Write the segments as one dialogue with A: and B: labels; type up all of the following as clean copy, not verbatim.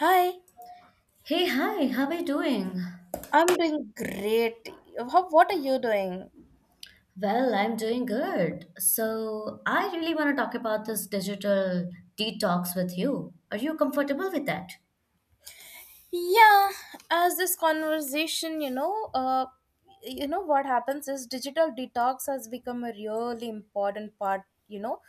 A: Hi,
B: Hey, hi, how are you doing?
A: I'm doing great. What are you doing?
B: Well, I'm doing good. So, I really want to talk about this digital detox with you. Are you comfortable with that?
A: Yeah, as this conversation, you know what happens is digital detox has become a really important part. You know,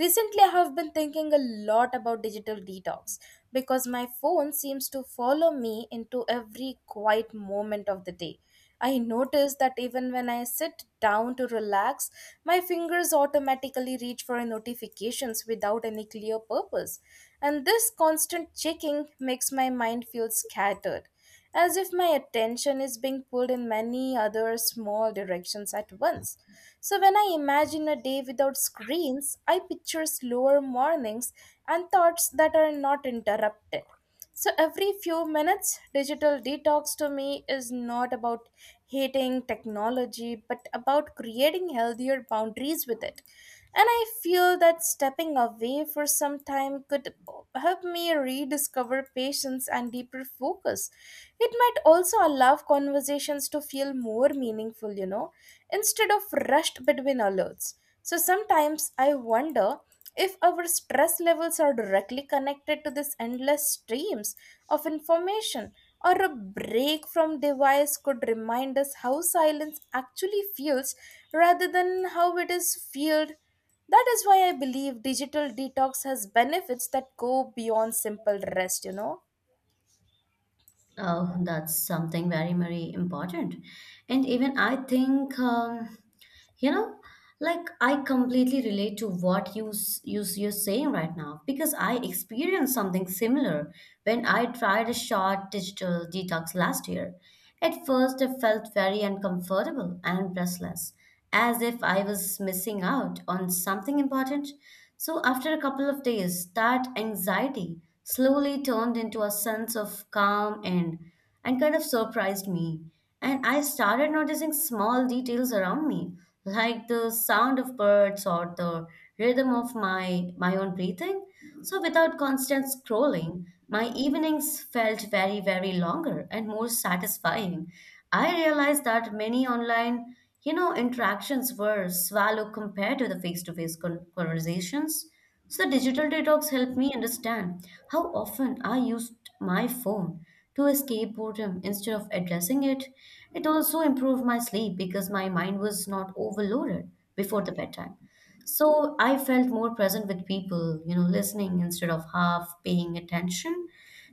A: Recently I have been thinking a lot about digital detox because my phone seems to follow me into every quiet moment of the day. I notice that even when I sit down to relax, my fingers automatically reach for notifications without any clear purpose. And this constant checking makes my mind feel scattered, as if my attention is being pulled in many other small directions at once. So when I imagine a day without screens, I picture slower mornings and thoughts that are not interrupted. So every few minutes, digital detox to me is not about hating technology, but about creating healthier boundaries with it. And I feel that stepping away for some time could help me rediscover patience and deeper focus. It might also allow conversations to feel more meaningful, instead of rushed between alerts. So sometimes I wonder if our stress levels are directly connected to this endless streams of information or a break from device could remind us how silence actually feels rather than how it is feared. That is why I believe digital detox has benefits that go beyond simple rest.
B: Oh, that's something very, very important. And even I think You know, like I completely relate to what you're saying right now because I experienced something similar when I tried a short digital detox last year. At first, I felt very uncomfortable and restless, as if I was missing out on something important. So, after a couple of days, that anxiety slowly turned into a sense of calm and kind of surprised me. And I started noticing small details around me, like the sound of birds or the rhythm of my own breathing. So without constant scrolling, my evenings felt very, very longer and more satisfying. I realized that many online, you know, interactions were shallow compared to the face-to-face conversations. So digital detox helped me understand how often I used my phone to escape boredom instead of addressing it. It also improved my sleep because my mind was not overloaded before the bedtime. So I felt more present with people, you know, listening instead of half paying attention.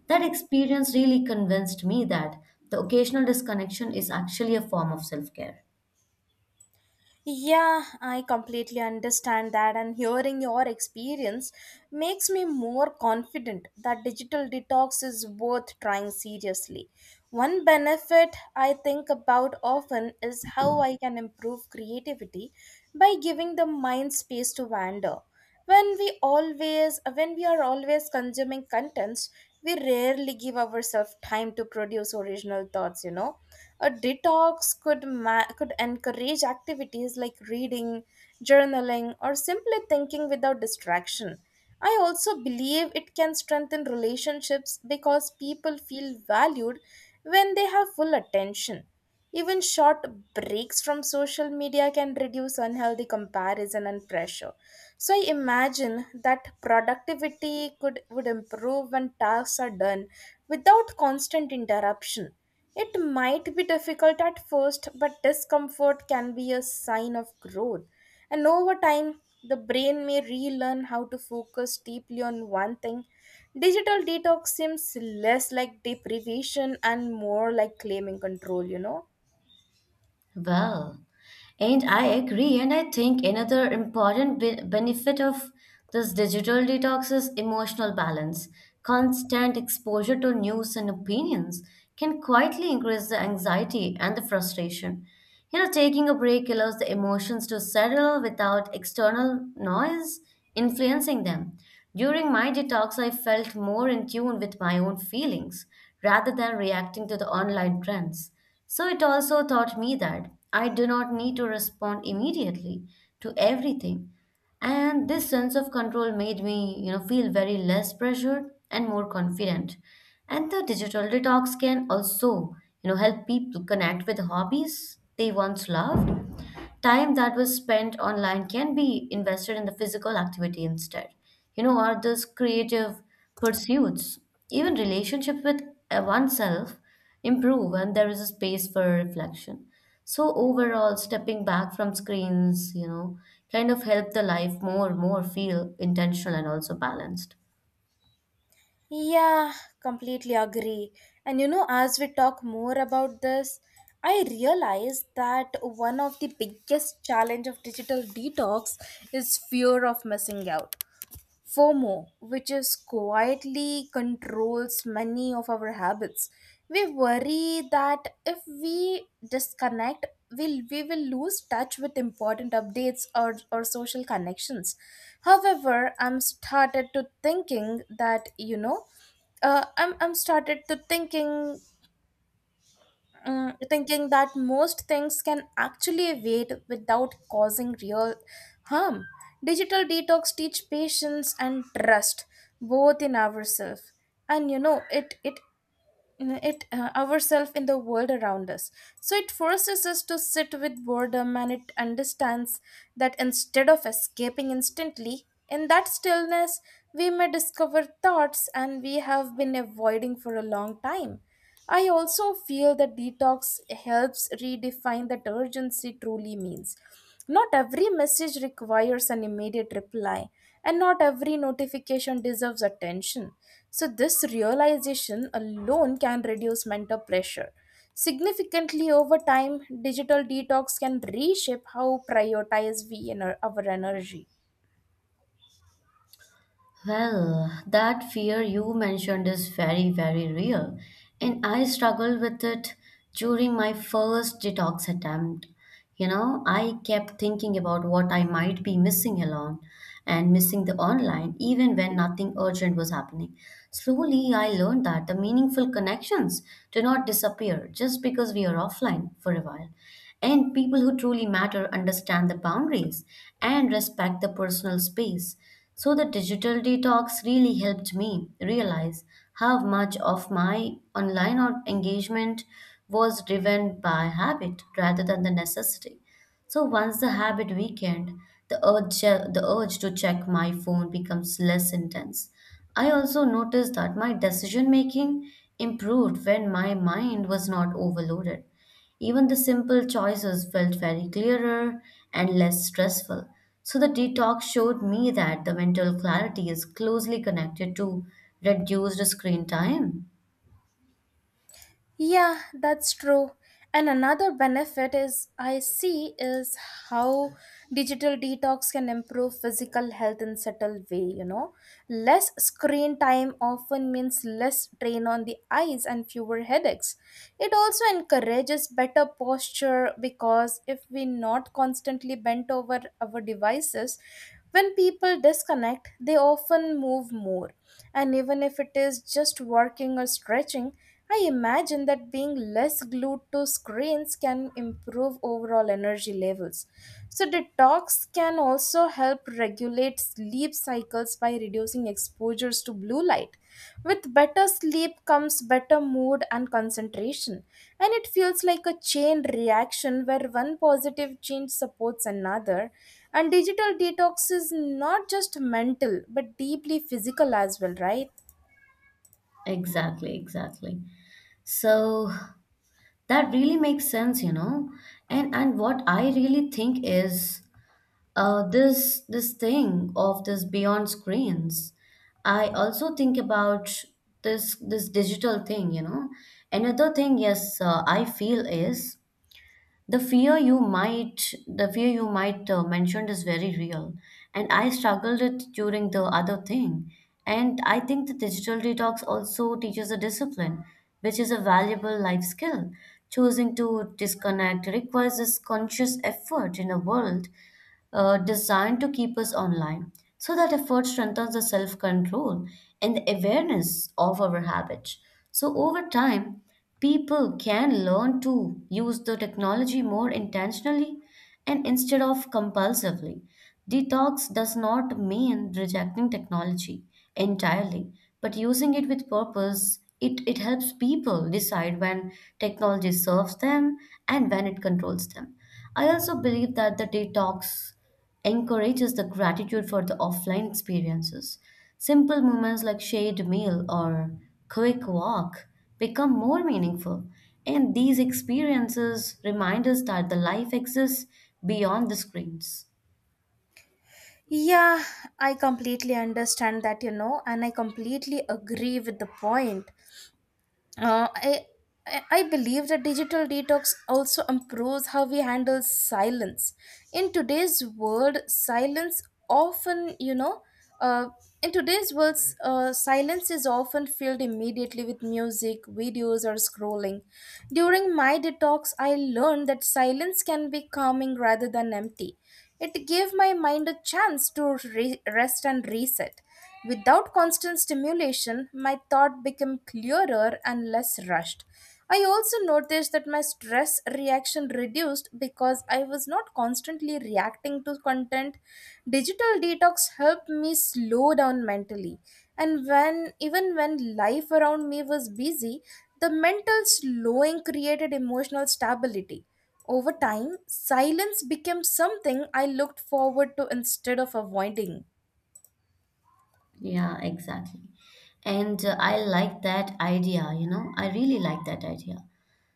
B: That experience really convinced me that the occasional disconnection is actually a form of self-care.
A: Yeah, I completely understand that, and hearing your experience makes me more confident that digital detox is worth trying seriously. One benefit I think about often is how I can improve creativity by giving the mind space to wander. When we are always consuming contents, we rarely give ourselves time to produce original thoughts. A detox could encourage activities like reading, journaling, or simply thinking without distraction. I also believe it can strengthen relationships because people feel valued when they have full attention. Even short breaks from social media can reduce unhealthy comparison and pressure. So I imagine that productivity could would improve when tasks are done without constant interruption. It might be difficult at first, but discomfort can be a sign of growth. And over time, the brain may relearn how to focus deeply on one thing. Digital detox seems less like deprivation and more like claiming control.
B: Well, and I agree, and I think another important benefit of this digital detox is emotional balance. Constant exposure to news and opinions can quietly increase the anxiety and the frustration. You know, taking a break allows the emotions to settle without external noise influencing them. During my detox, I felt more in tune with my own feelings rather than reacting to the online trends. So it also taught me that I do not need to respond immediately to everything. And this sense of control made me, you know, feel very less pressured and more confident. And the digital detox can also, you know, help people connect with hobbies they once loved. Time that was spent online can be invested in the physical activity instead. You know, or those creative pursuits, even relationships with oneself improve and there is a space for reflection. So overall, stepping back from screens, you know, kind of help the life more, more feel intentional and also balanced.
A: Yeah, completely agree. And as we talk more about this, I realize that one of the biggest challenge of digital detox is fear of missing out. FOMO, which is quietly controls many of our habits. We worry that if we disconnect, we will lose touch with important updates or social connections. However, I'm started to thinking that, I'm started to thinking thinking that most things can actually wait without causing real harm. Digital detox teach patience and trust both in ourselves, and you know it it it ourselves in the world around us. So it forces us to sit with boredom and it understands that, instead of escaping instantly, in that stillness we may discover thoughts and we have been avoiding for a long time. I also feel that detox helps redefine that urgency truly means. Not every message requires an immediate reply, and not every notification deserves attention. So, this realization alone can reduce mental pressure. Significantly over time, digital detox can reshape how prioritize we and our energy.
B: Well, that fear you mentioned is very, very real, and I struggled with it during my first detox attempt. You know, I kept thinking about what I might be missing alone and missing the online, even when nothing urgent was happening. Slowly, I learned that the meaningful connections do not disappear just because we are offline for a while. And people who truly matter understand the boundaries and respect the personal space. So the digital detox really helped me realize how much of my online engagement was driven by habit rather than the necessity. So once the habit weakened, the urge to check my phone becomes less intense. I also noticed that my decision making improved when my mind was not overloaded. Even the simple choices felt very clearer and less stressful. So the detox showed me that the mental clarity is closely connected to reduced screen time.
A: Yeah, that's true. And another benefit is, I see, is how digital detox can improve physical health in subtle way. Less screen time often means less strain on the eyes and fewer headaches. It also encourages better posture because if we not constantly bent over our devices, when people disconnect, they often move more. And even if it is just working or stretching, I imagine that being less glued to screens can improve overall energy levels. So, detox can also help regulate sleep cycles by reducing exposures to blue light. With better sleep comes better mood and concentration, and it feels like a chain reaction where one positive change supports another. And digital detox is not just mental, but deeply physical as well, right?
B: Exactly, exactly. So that really makes sense, you know. And what I really think is this thing of this beyond screens I also think about this digital thing you know another thing yes I feel is the fear you might mentioned is very real and I struggled it during the other thing and I think the digital detox also teaches a discipline which is a valuable life skill choosing to disconnect requires this conscious effort in a world designed to keep us online. So that effort strengthens the self control and the awareness of our habits. So over time, people can learn to use the technology more intentionally and instead of compulsively. Detox does not mean rejecting technology entirely, but using it with purpose. It helps people decide when technology serves them and when it controls them. I also believe that the detox encourages the gratitude for the offline experiences. Simple moments like shared meal or quick walk become more meaningful, and these experiences remind us that the life exists beyond the screens.
A: Yeah, I completely understand that, and I completely agree with the point. Uh, I, I believe that digital detox also improves how we handle silence. In today's world, silence often, uh, in today's world, silence is often filled immediately with music, videos, or scrolling. During my detox, I learned that silence can be calming rather than empty. It gave my mind a chance to rest and reset. Without constant stimulation, my thought became clearer and less rushed. I also noticed that my stress reaction reduced because I was not constantly reacting to content. Digital detox helped me slow down mentally, and when even when life around me was busy, the mental slowing created emotional stability. Over time, silence became something I looked forward to instead of avoiding.
B: Yeah, exactly. And I like that idea, you know, I really like that idea.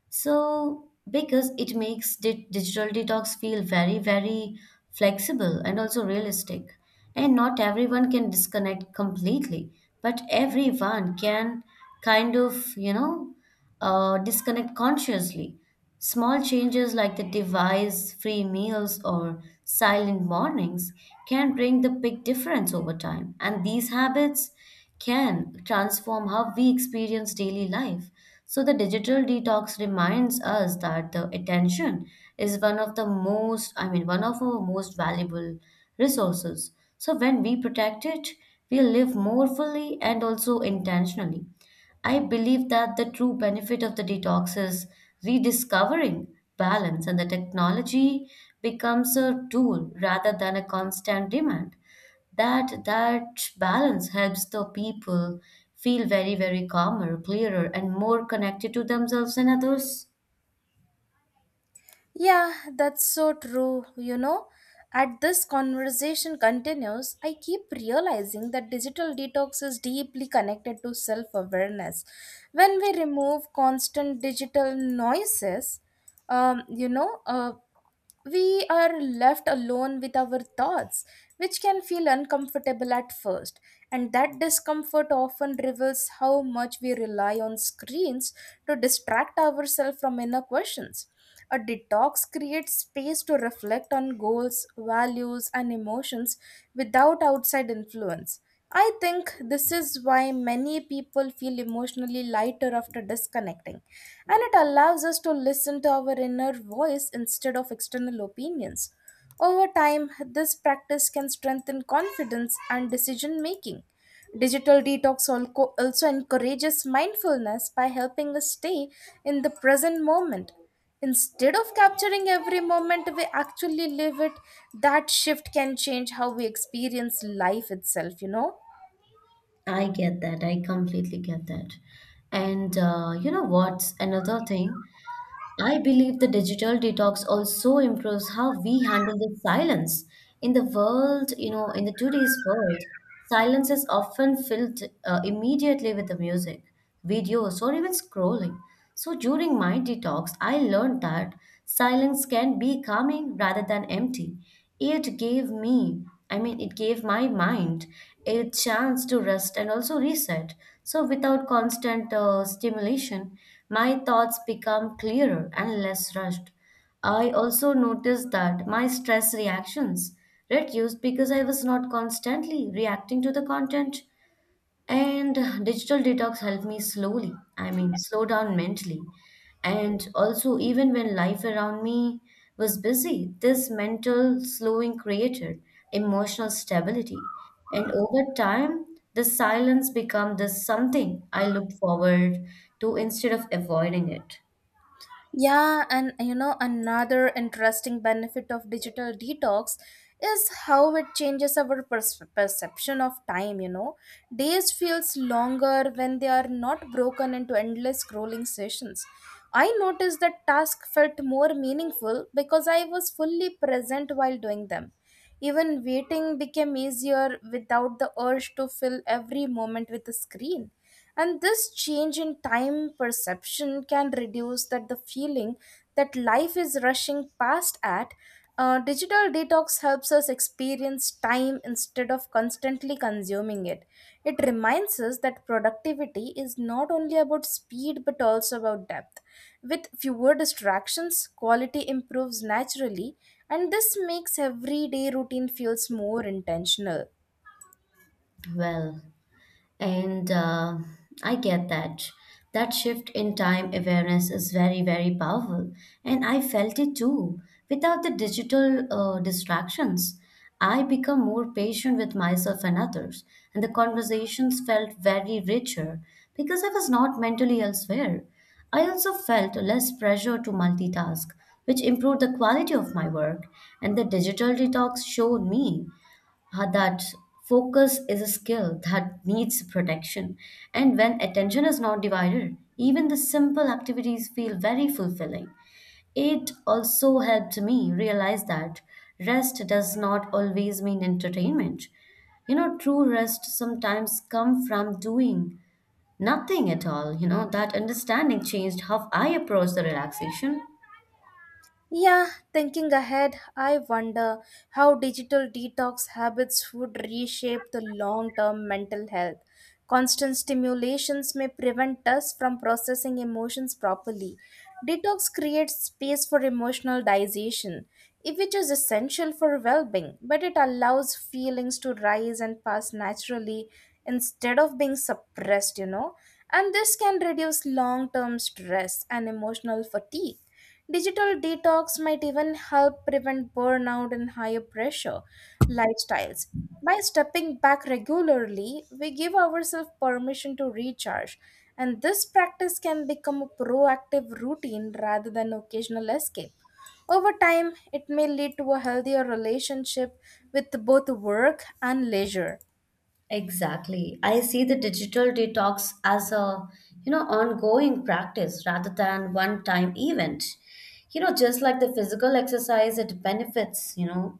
B: So, because it makes digital detox feel very, very flexible and also realistic. And not everyone can disconnect completely, but everyone can kind of, disconnect consciously. Small changes like the device, free meals, or silent mornings can bring the big difference over time. And these habits can transform how we experience daily life. So, the digital detox reminds us that the attention is one of the most, I mean, one of our most valuable resources. So, when we protect it, we live more fully and also intentionally. I believe that the true benefit of the detox is rediscovering balance, and the technology becomes a tool rather than a constant demand that balance helps the people feel very, very calmer, clearer, and more connected to themselves and others.
A: Yeah, that's so true. As this conversation continues, I keep realizing that digital detox is deeply connected to self awareness. When we remove constant digital noises, um, you know, uh, we are left alone with our thoughts, which can feel uncomfortable at first. And that discomfort often reveals how much we rely on screens to distract ourselves from inner questions. A detox creates space to reflect on goals, values, and emotions without outside influence. I think this is why many people feel emotionally lighter after disconnecting, and it allows us to listen to our inner voice instead of external opinions. Over time, this practice can strengthen confidence and decision making. Digital detox also encourages mindfulness by helping us stay in the present moment. Instead of capturing every moment, we actually live it. That shift can change how we experience life itself, you know?
B: I get that, I completely get that. And you know what's another thing, I believe the digital detox also improves how we handle the silence. In the world, you know, in the today's world, silence is often filled immediately with the music, videos, or even scrolling. So during my detox, I learned that silence can be calming rather than empty. It gave me, I mean, it gave my mind a chance to rest and also reset. So, without constant stimulation, my thoughts become clearer and less rushed. I also noticed that my stress reactions reduced because I was not constantly reacting to the content. And digital detox helped me slowly, I mean, slow down mentally. And also, even when life around me was busy, this mental slowing created emotional stability. And over time, the silence became this something I looked forward to instead of avoiding it.
A: Yeah, and another interesting benefit of digital detox is how it changes our perception of time. Days feels longer when they are not broken into endless scrolling sessions. I noticed that task felt more meaningful because I was fully present while doing them. Even waiting became easier without the urge to fill every moment with a screen. And this change in time perception can reduce that the feeling that life is rushing past at. Digital detox helps us experience time instead of constantly consuming it. It reminds us that productivity is not only about speed but also about depth. With fewer distractions, quality improves naturally, and this makes everyday routine feels more intentional.
B: Well, and I get that. That shift in time awareness is very, very powerful. And I felt it too. Without the digital distractions, I become more patient with myself and others. And the conversations felt very richer because I was not mentally elsewhere. I also felt less pressure to multitask, which improved the quality of my work. And the digital detox showed me that focus is a skill that needs protection. And when attention is not divided, even the simple activities feel very fulfilling. It also helped me realize that rest does not always mean entertainment. You know, true rest sometimes comes from doing nothing at all. You know, that understanding changed how I approach the relaxation.
A: Yeah, thinking ahead, I wonder how digital detox habits would reshape the long term mental health. Constant stimulations may prevent us from processing emotions properly. Detox creates space for emotional digestion, which is essential for well being, but it allows feelings to rise and pass naturally instead of being suppressed. And this can reduce long term stress and emotional fatigue. Digital detox might even help prevent burnout and higher pressure lifestyles. By stepping back regularly, we give ourselves permission to recharge, and this practice can become a proactive routine rather than occasional escape. Over time, it may lead to a healthier relationship with both work and leisure.
B: Exactly. I see the digital detox as a, you know, ongoing practice rather than one-time event. You know, just like the physical exercise, it benefits, you know,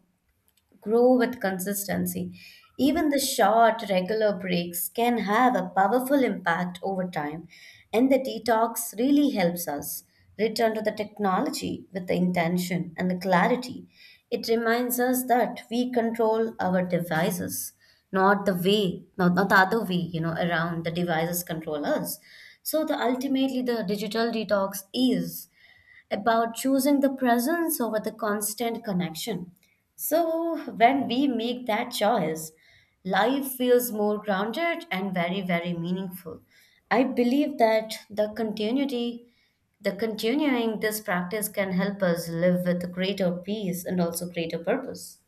B: grow with consistency. Even the short, regular breaks can have a powerful impact over time, and the detox really helps us return to the technology with the intention and the clarity. It reminds us that we control our devices, not the way, not the other way, you know, around the devices control us. So the ultimately the digital detox is about choosing the presence over the constant connection. So, when we make that choice, life feels more grounded and very, very meaningful. I believe that the continuity, the continuing this practice can help us live with greater peace and also greater purpose.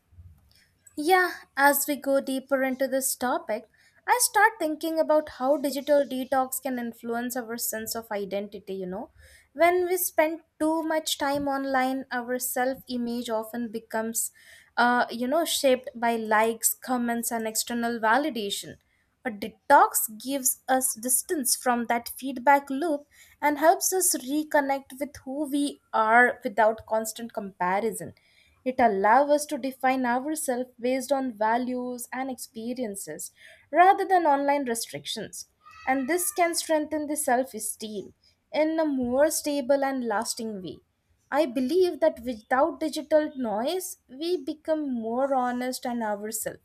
A: Yeah, as we go deeper into this topic, I start thinking about how digital detox can influence our sense of identity. When we spend too much time online, our self image often becomes shaped by likes, comments, and external validation. A detox gives us distance from that feedback loop and helps us reconnect with who we are without constant comparison. It allows us to define ourselves based on values and experiences rather than online restrictions, and this can strengthen the self esteem in a more stable and lasting way. I believe that without digital noise, we become more honest and ourselves,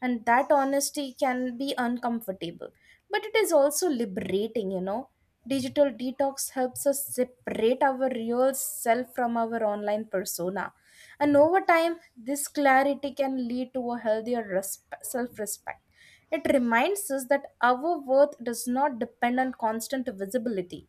A: and that honesty can be uncomfortable, but it is also liberating. Digital detox helps us separate our real self from our online persona, and over time, this clarity can lead to a healthier self respect. It reminds us that our worth does not depend on constant visibility.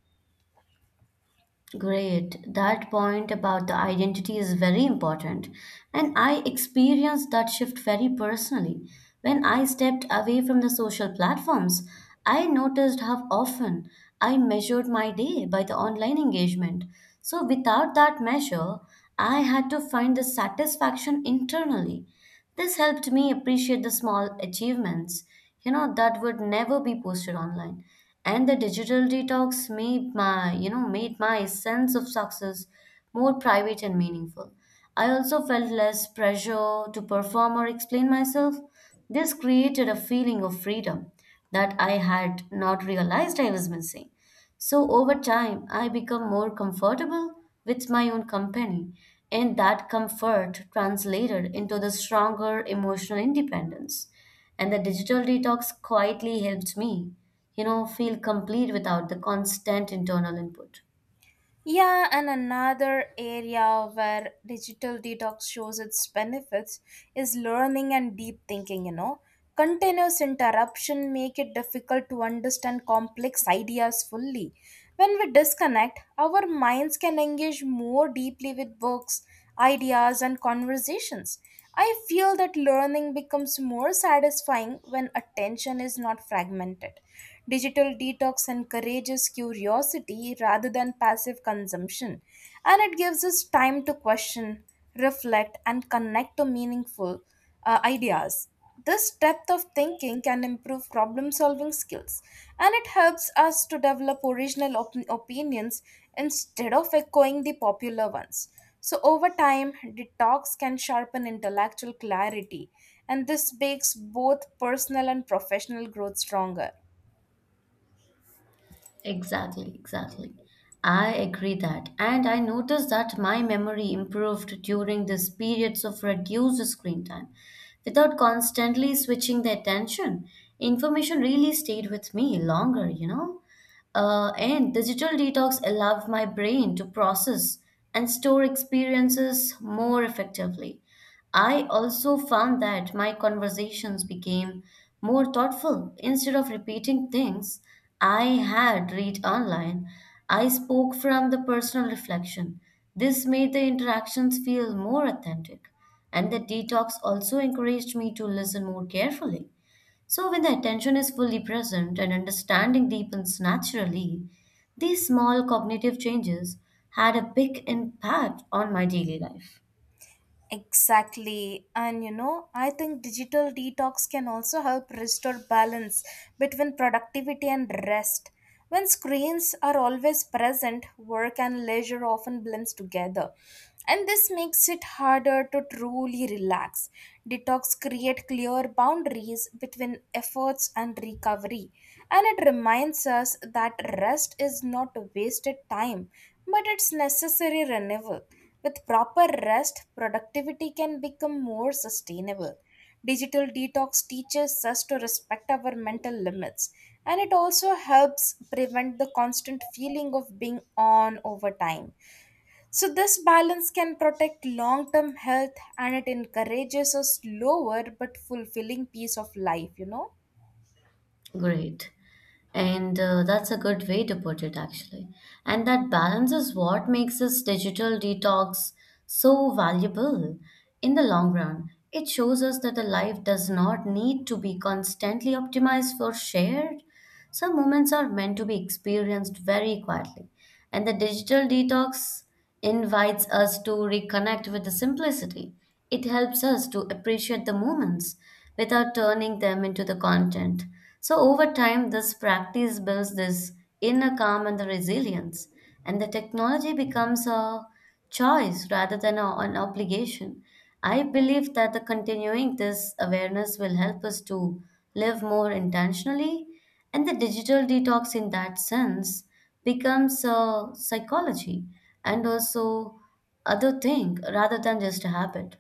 B: Great. That point about the identity is very important. And I experienced that shift very personally. When I stepped away from the social platforms, I noticed how often I measured my day by the online engagement. So, without that measure, I had to find the satisfaction internally. This helped me appreciate the small achievements, you know, that would never be posted online. And the digital detox made my, you know, made my sense of success more private and meaningful. I also felt less pressure to perform or explain myself. This created a feeling of freedom that I had not realized I was missing. So over time, I become more comfortable with my own company, and that comfort translated into the stronger emotional independence. And the digital detox quietly helped me, you know, feel complete without the constant internal input.
A: Yeah, and another area where digital detox shows its benefits is learning and deep thinking. Continuous interruption make it difficult to understand complex ideas fully. When we disconnect, our minds can engage more deeply with works ideas, and conversations. I feel that learning becomes more satisfying when attention is not fragmented. Digital detox encourages curiosity rather than passive consumption, and it gives us time to question, reflect, and connect to meaningful ideas. This depth of thinking can improve problem solving skills, and it helps us to develop original opinions instead of echoing the popular ones. So, over time, detox can sharpen intellectual clarity, and this makes both personal and professional growth stronger.
B: Exactly, exactly. I agree that. And I noticed that my memory improved during these periods of reduced screen time. Without constantly switching the attention, information really stayed with me longer, you know? And digital detox allowed my brain to process and store experiences more effectively. I also found that my conversations became more thoughtful. Instead of repeating things I had read online, I spoke from the personal reflection. This made the interactions feel more authentic. And the detox also encouraged me to listen more carefully. So, when the attention is fully present and understanding deepens naturally, these small cognitive changes had a big impact on my daily life.
A: Exactly. And I think digital detox can also help restore balance between productivity and rest. When screens are always present, work and leisure often blends together. And this makes it harder to truly relax. Detox create clear boundaries between efforts and recovery. And it reminds us that rest is not wasted time, but it's necessary renewal. With proper rest, productivity can become more sustainable. Digital detox teaches us to respect our mental limits and it also helps prevent the constant feeling of being on over time. So, this balance can protect long term health and it encourages a slower but fulfilling piece of life.
B: Great. And That's a good way to put it, actually. And that balance is what makes this digital detox so valuable in the long run. It shows us that the life does not need to be constantly optimized for shared. Some moments are meant to be experienced very quietly, and the digital detox invites us to reconnect with the simplicity. It helps us to appreciate the moments without turning them into the content. So, over time, this practice builds this inner calm and the resilience, and the technology becomes a choice rather than an obligation. I believe that the continuing this awareness will help us to live more intentionally, and the digital detox in that sense becomes a psychology and also other thing rather than just a habit.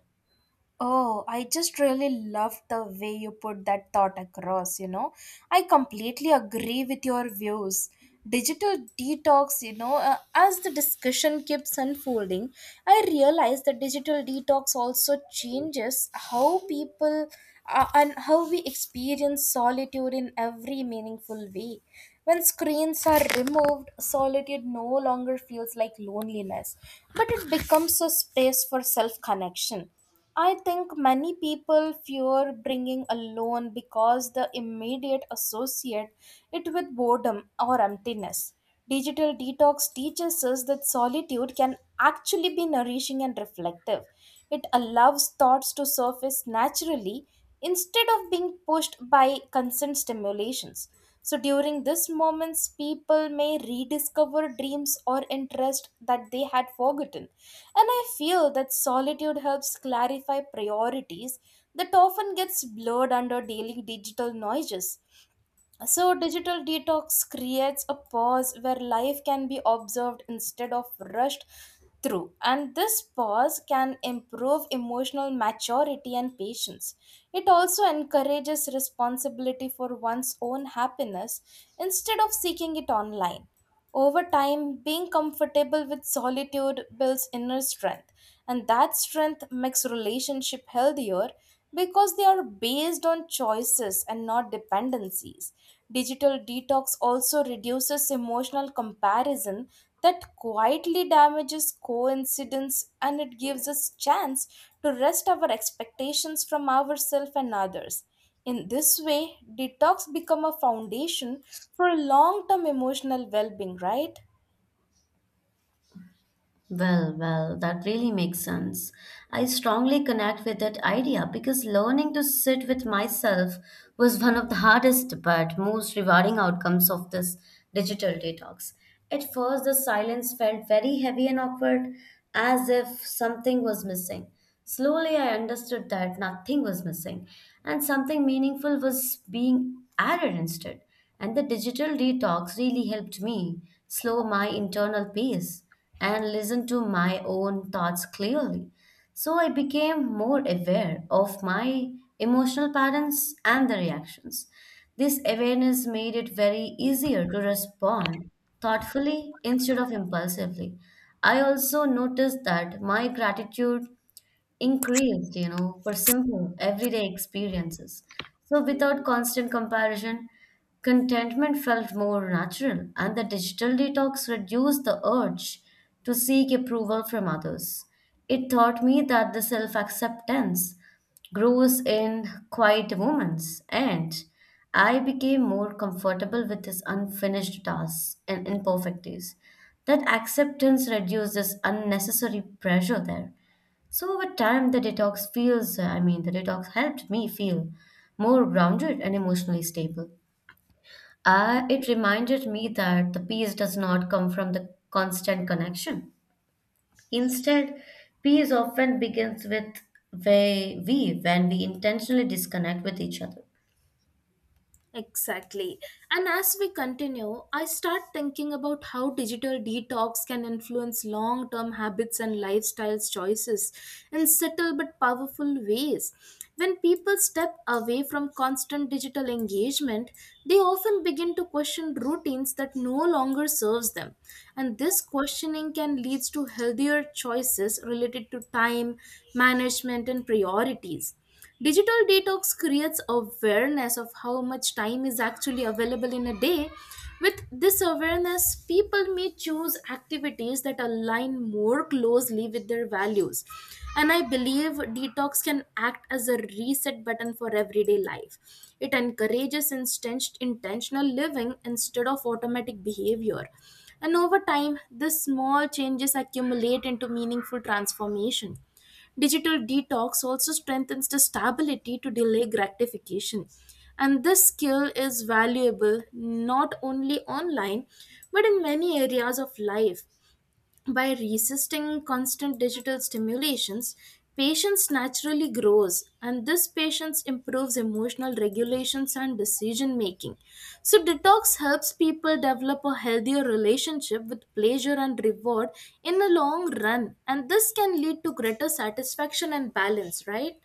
A: Oh, I just really love the way you put that thought across. I completely agree with your views. Digital as the discussion keeps unfolding, I realize that digital detox also changes how people and how we experience solitude in every meaningful way. When screens are removed, solitude no longer feels like loneliness, but it becomes a space for self connection. I think many people fear bringing alone because the immediate associate it with boredom or emptiness. Digital detox teaches us that solitude can actually be nourishing and reflective. It allows thoughts to surface naturally instead of being pushed by constant stimulations. So during these moments, people may rediscover dreams or interests that they had forgotten. And I feel that solitude helps clarify priorities that often gets blurred under daily digital noises. So, digital detox creates a pause where life can be observed instead of rushed through. And this pause can improve emotional maturity and patience. It also encourages responsibility for one's own happiness instead of seeking it online. Over time, being comfortable with solitude builds inner strength, and that strength makes relationship healthier because they are based on choices and not dependencies. Digital detox also reduces emotional comparison that quietly damages coincidence and it gives us chance to rest our expectations from ourselves and others. In this way, detox become a foundation for long-term emotional well-being, right?
B: Well, that really makes sense. I strongly connect with that idea because learning to sit with myself was one of the hardest but most rewarding outcomes of this digital detox. At first, the silence felt very heavy and awkward, as if something was missing. Slowly, I understood that nothing was missing and something meaningful was being added instead. And the digital detox really helped me slow my internal pace and listen to my own thoughts clearly. So I became more aware of my emotional patterns and the reactions. This awareness made it very easier to respond thoughtfully instead of impulsively. I also noticed that my gratitude increased, you know, for simple everyday experiences. So without constant comparison, contentment felt more natural, and the digital detox reduced the urge to seek approval from others. It taught me that the self acceptance grows in quiet moments, and I became more comfortable with his unfinished tasks and imperfecties. That acceptance reduced this unnecessary pressure there. So over time, the detox helped me feel more grounded and emotionally stable. It reminded me that the peace does not come from the constant connection. Instead, peace often begins with when we intentionally disconnect with each other.
A: Exactly. And as we continue, I start thinking about how digital detox can influence long term habits and lifestyles choices in subtle but powerful ways. When people step away from constant digital engagement, they often begin to question routines that no longer serves them. And this questioning can lead to healthier choices related to time, management and priorities. Digital detox creates awareness of how much time is actually available in a day. With this awareness, people may choose activities that align more closely with their values. And I believe detox can act as a reset button for everyday life. It encourages intentional living instead of automatic behavior. And over time, these small changes accumulate into meaningful transformation. Digital detox also strengthens the stability to delay gratification. And this skill is valuable not only online but in many areas of life. By resisting constant digital stimulations, patience naturally grows, and this patience improves emotional regulations and decision making. So, detox helps people develop a healthier relationship with pleasure and reward in the long run, and this can lead to greater satisfaction and balance, right?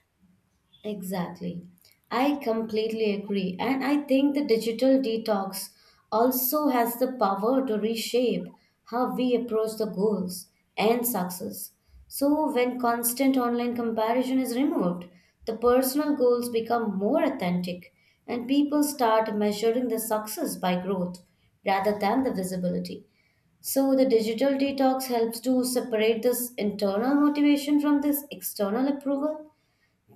B: Exactly. I completely agree. And I think the digital detox also has the power to reshape how we approach the goals and success. So, when constant online comparison is removed, the personal goals become more authentic and people start measuring the success by growth rather than the visibility. So, the digital detox helps to separate this internal motivation from this external approval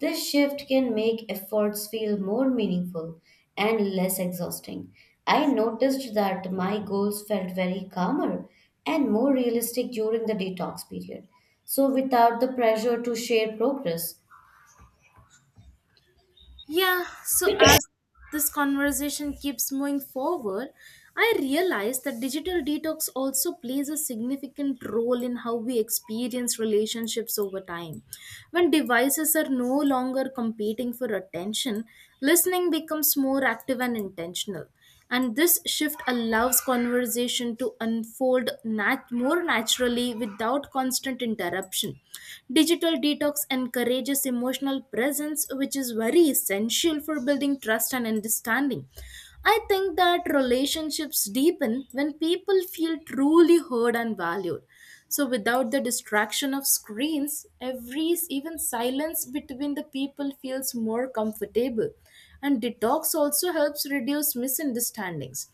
B: this shift can make efforts feel more meaningful and less exhausting. I noticed that my goals felt very calmer and more realistic during the detox period, so without the pressure to share progress.
A: Yeah, so as this conversation keeps moving forward, I realize that digital detox also plays a significant role in how we experience relationships over time. When devices are no longer competing for attention, listening becomes more active and intentional, and this shift allows conversation to unfold more naturally without constant interruption. Digital detox encourages emotional presence, which is very essential for building trust and understanding. I think that relationships deepen when people feel truly heard and valued. So without the distraction of screens, every even silence between the people feels more comfortable, and detox also helps reduce misunderstandings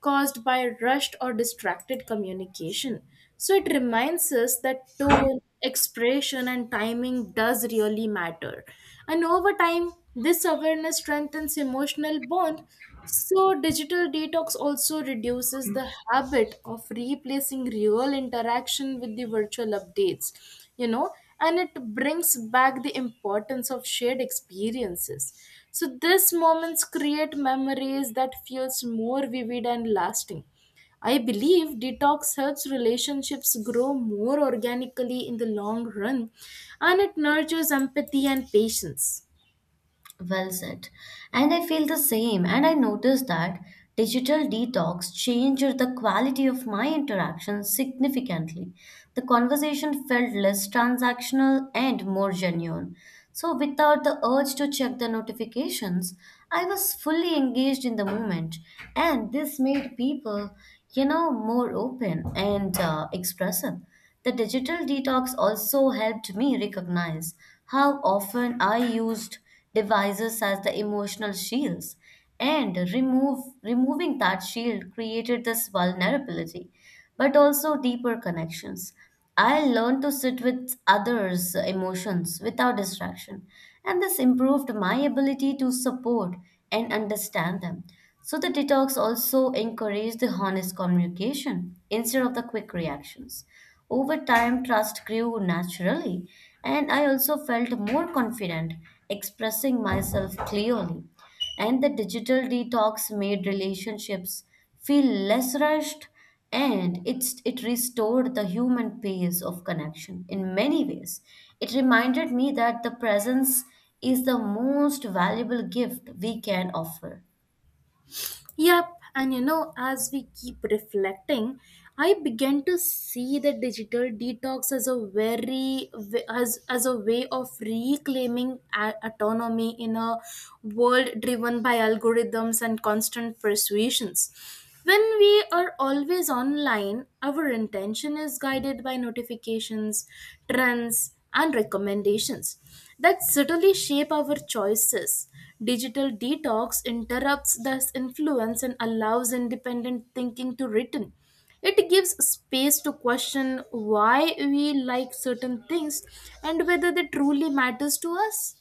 A: caused by rushed or distracted communication. So it reminds us that tone, expression, and timing does really matter. And over time, this awareness strengthens emotional bond. So digital detox also reduces the habit of replacing real interaction with the virtual you know, and it brings back the importance of shared experiences. So these moments create memories that feels more vivid and lasting. I believe detox helps relationships grow more organically in the long run and it nurtures empathy and patience.
B: Well said. And I feel the same. And I noticed that digital detox changed the quality of my interaction significantly. The conversation felt less transactional and more genuine. So, without the urge to check the notifications, I was fully engaged in the moment. And this made people, you know, more open and expressive. The digital detox also helped me recognize how often I used devices as the emotional shields. And removing that shield created this vulnerability, but also deeper connections. I learned to sit with others' emotions without distraction, and this improved my ability to support and understand them. So, the detox also encouraged the honest communication instead of the quick reactions. Over time, trust grew naturally, and I also felt more confident expressing myself clearly. And the digital detox made relationships feel less rushed, and it restored the human pace of connection in many ways. It reminded me that the presence is the most valuable gift we can offer.
A: Yep, as we keep reflecting, I began to see the digital detox as a very as a way of reclaiming autonomy in a world driven by algorithms and constant persuasions. When we are always online, our intention is guided by notifications, trends, and recommendations that subtly shape our choices. Digital detox interrupts this influence and allows independent thinking to return. It gives space to question why we like certain things and whether they truly matters to us.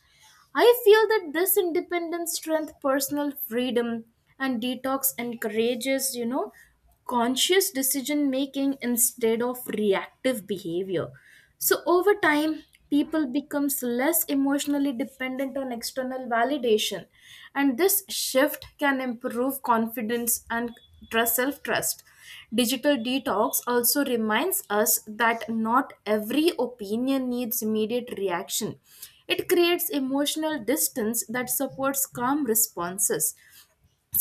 A: I feel that this independence, strength, personal freedom, and detox encourages conscious decision making instead of reactive behavior. So over time, people becomes less emotionally dependent on external validation, and this shift can improve confidence and trust self trust Digital detox also reminds us that not every opinion needs immediate reaction. It creates emotional distance that supports calm responses.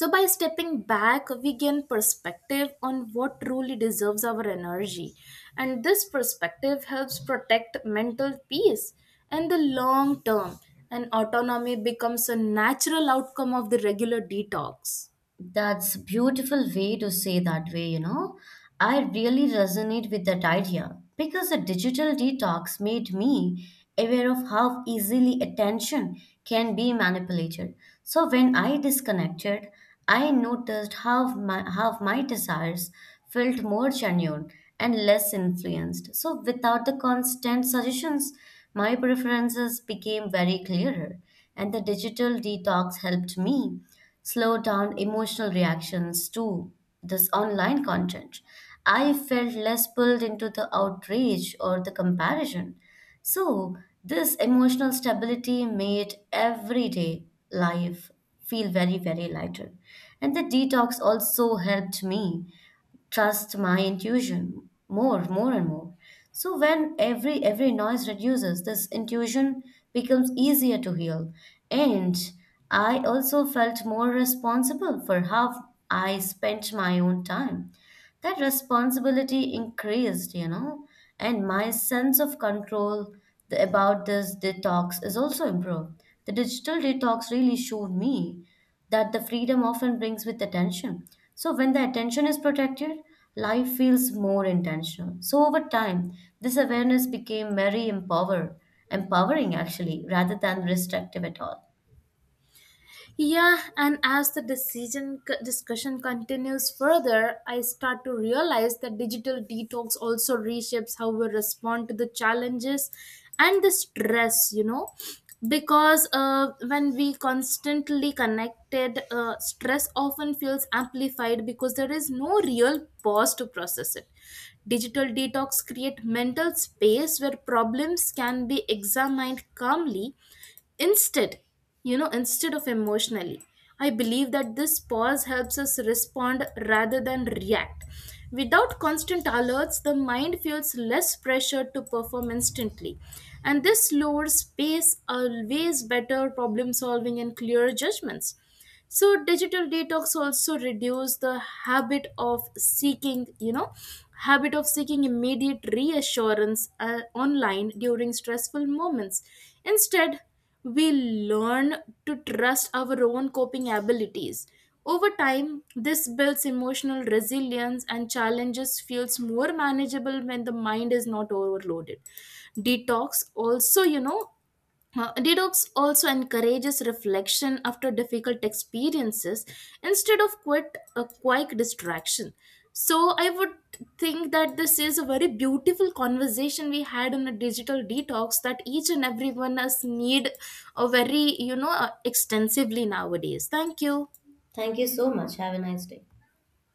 A: So by stepping back we gain perspective on what truly deserves our energy, and this perspective helps protect mental peace in the long term, and autonomy becomes a natural outcome of the regular detox.
B: That's beautiful way to say that way, you know. I really resonate with that idea because a digital detox made me aware of how easily attention can be manipulated. So when I disconnected, I noticed how my desires felt more genuine and less influenced. So without the constant suggestions, my preferences became very clearer and the digital detox helped me slow down emotional reactions to this online content. I felt less pulled into the outrage or the comparison. So, this emotional stability made everyday life feel very lighter. And the detox also helped me trust my intuition more and more. So when every noise reduces, this intuition becomes easier to heal. And I also felt more responsible for how I spent my own time that responsibility increased, you know, and my sense of control about this detox is also improved. The digital detox really showed me that the freedom often brings with attention. So, when the attention is protected, life feels more intentional. So, over time, this awareness became empowering actually, rather than restrictive at all.
A: Yeah, and as the discussion continues further, I start to realize that digital detox also reshapes how we respond to the challenges and the stress, because when we constantly connected, stress often feels amplified because there is no real pause to process it. Digital detox create mental space where problems can be examined calmly. Instead, Instead of emotionally, I believe that this pause helps us respond rather than react. Without constant alerts, the mind feels less pressure to perform instantly. And this lowers pace, always better problem solving and clearer judgments. So digital detox also reduce the habit of seeking you know habit of seeking immediate reassurance online during stressful moments. Instead, we learn to trust our own coping abilities. Over time this builds emotional resilience and challenges feels more manageable when the mind is not overloaded. detox also you know detox also encourages reflection after difficult experiences instead of quite a quick distraction. So I would think that this is a very beautiful conversation we had on a digital detox that each and every one us need a very extensively nowadays. Thank you.
B: Thank you so much. Have a nice day.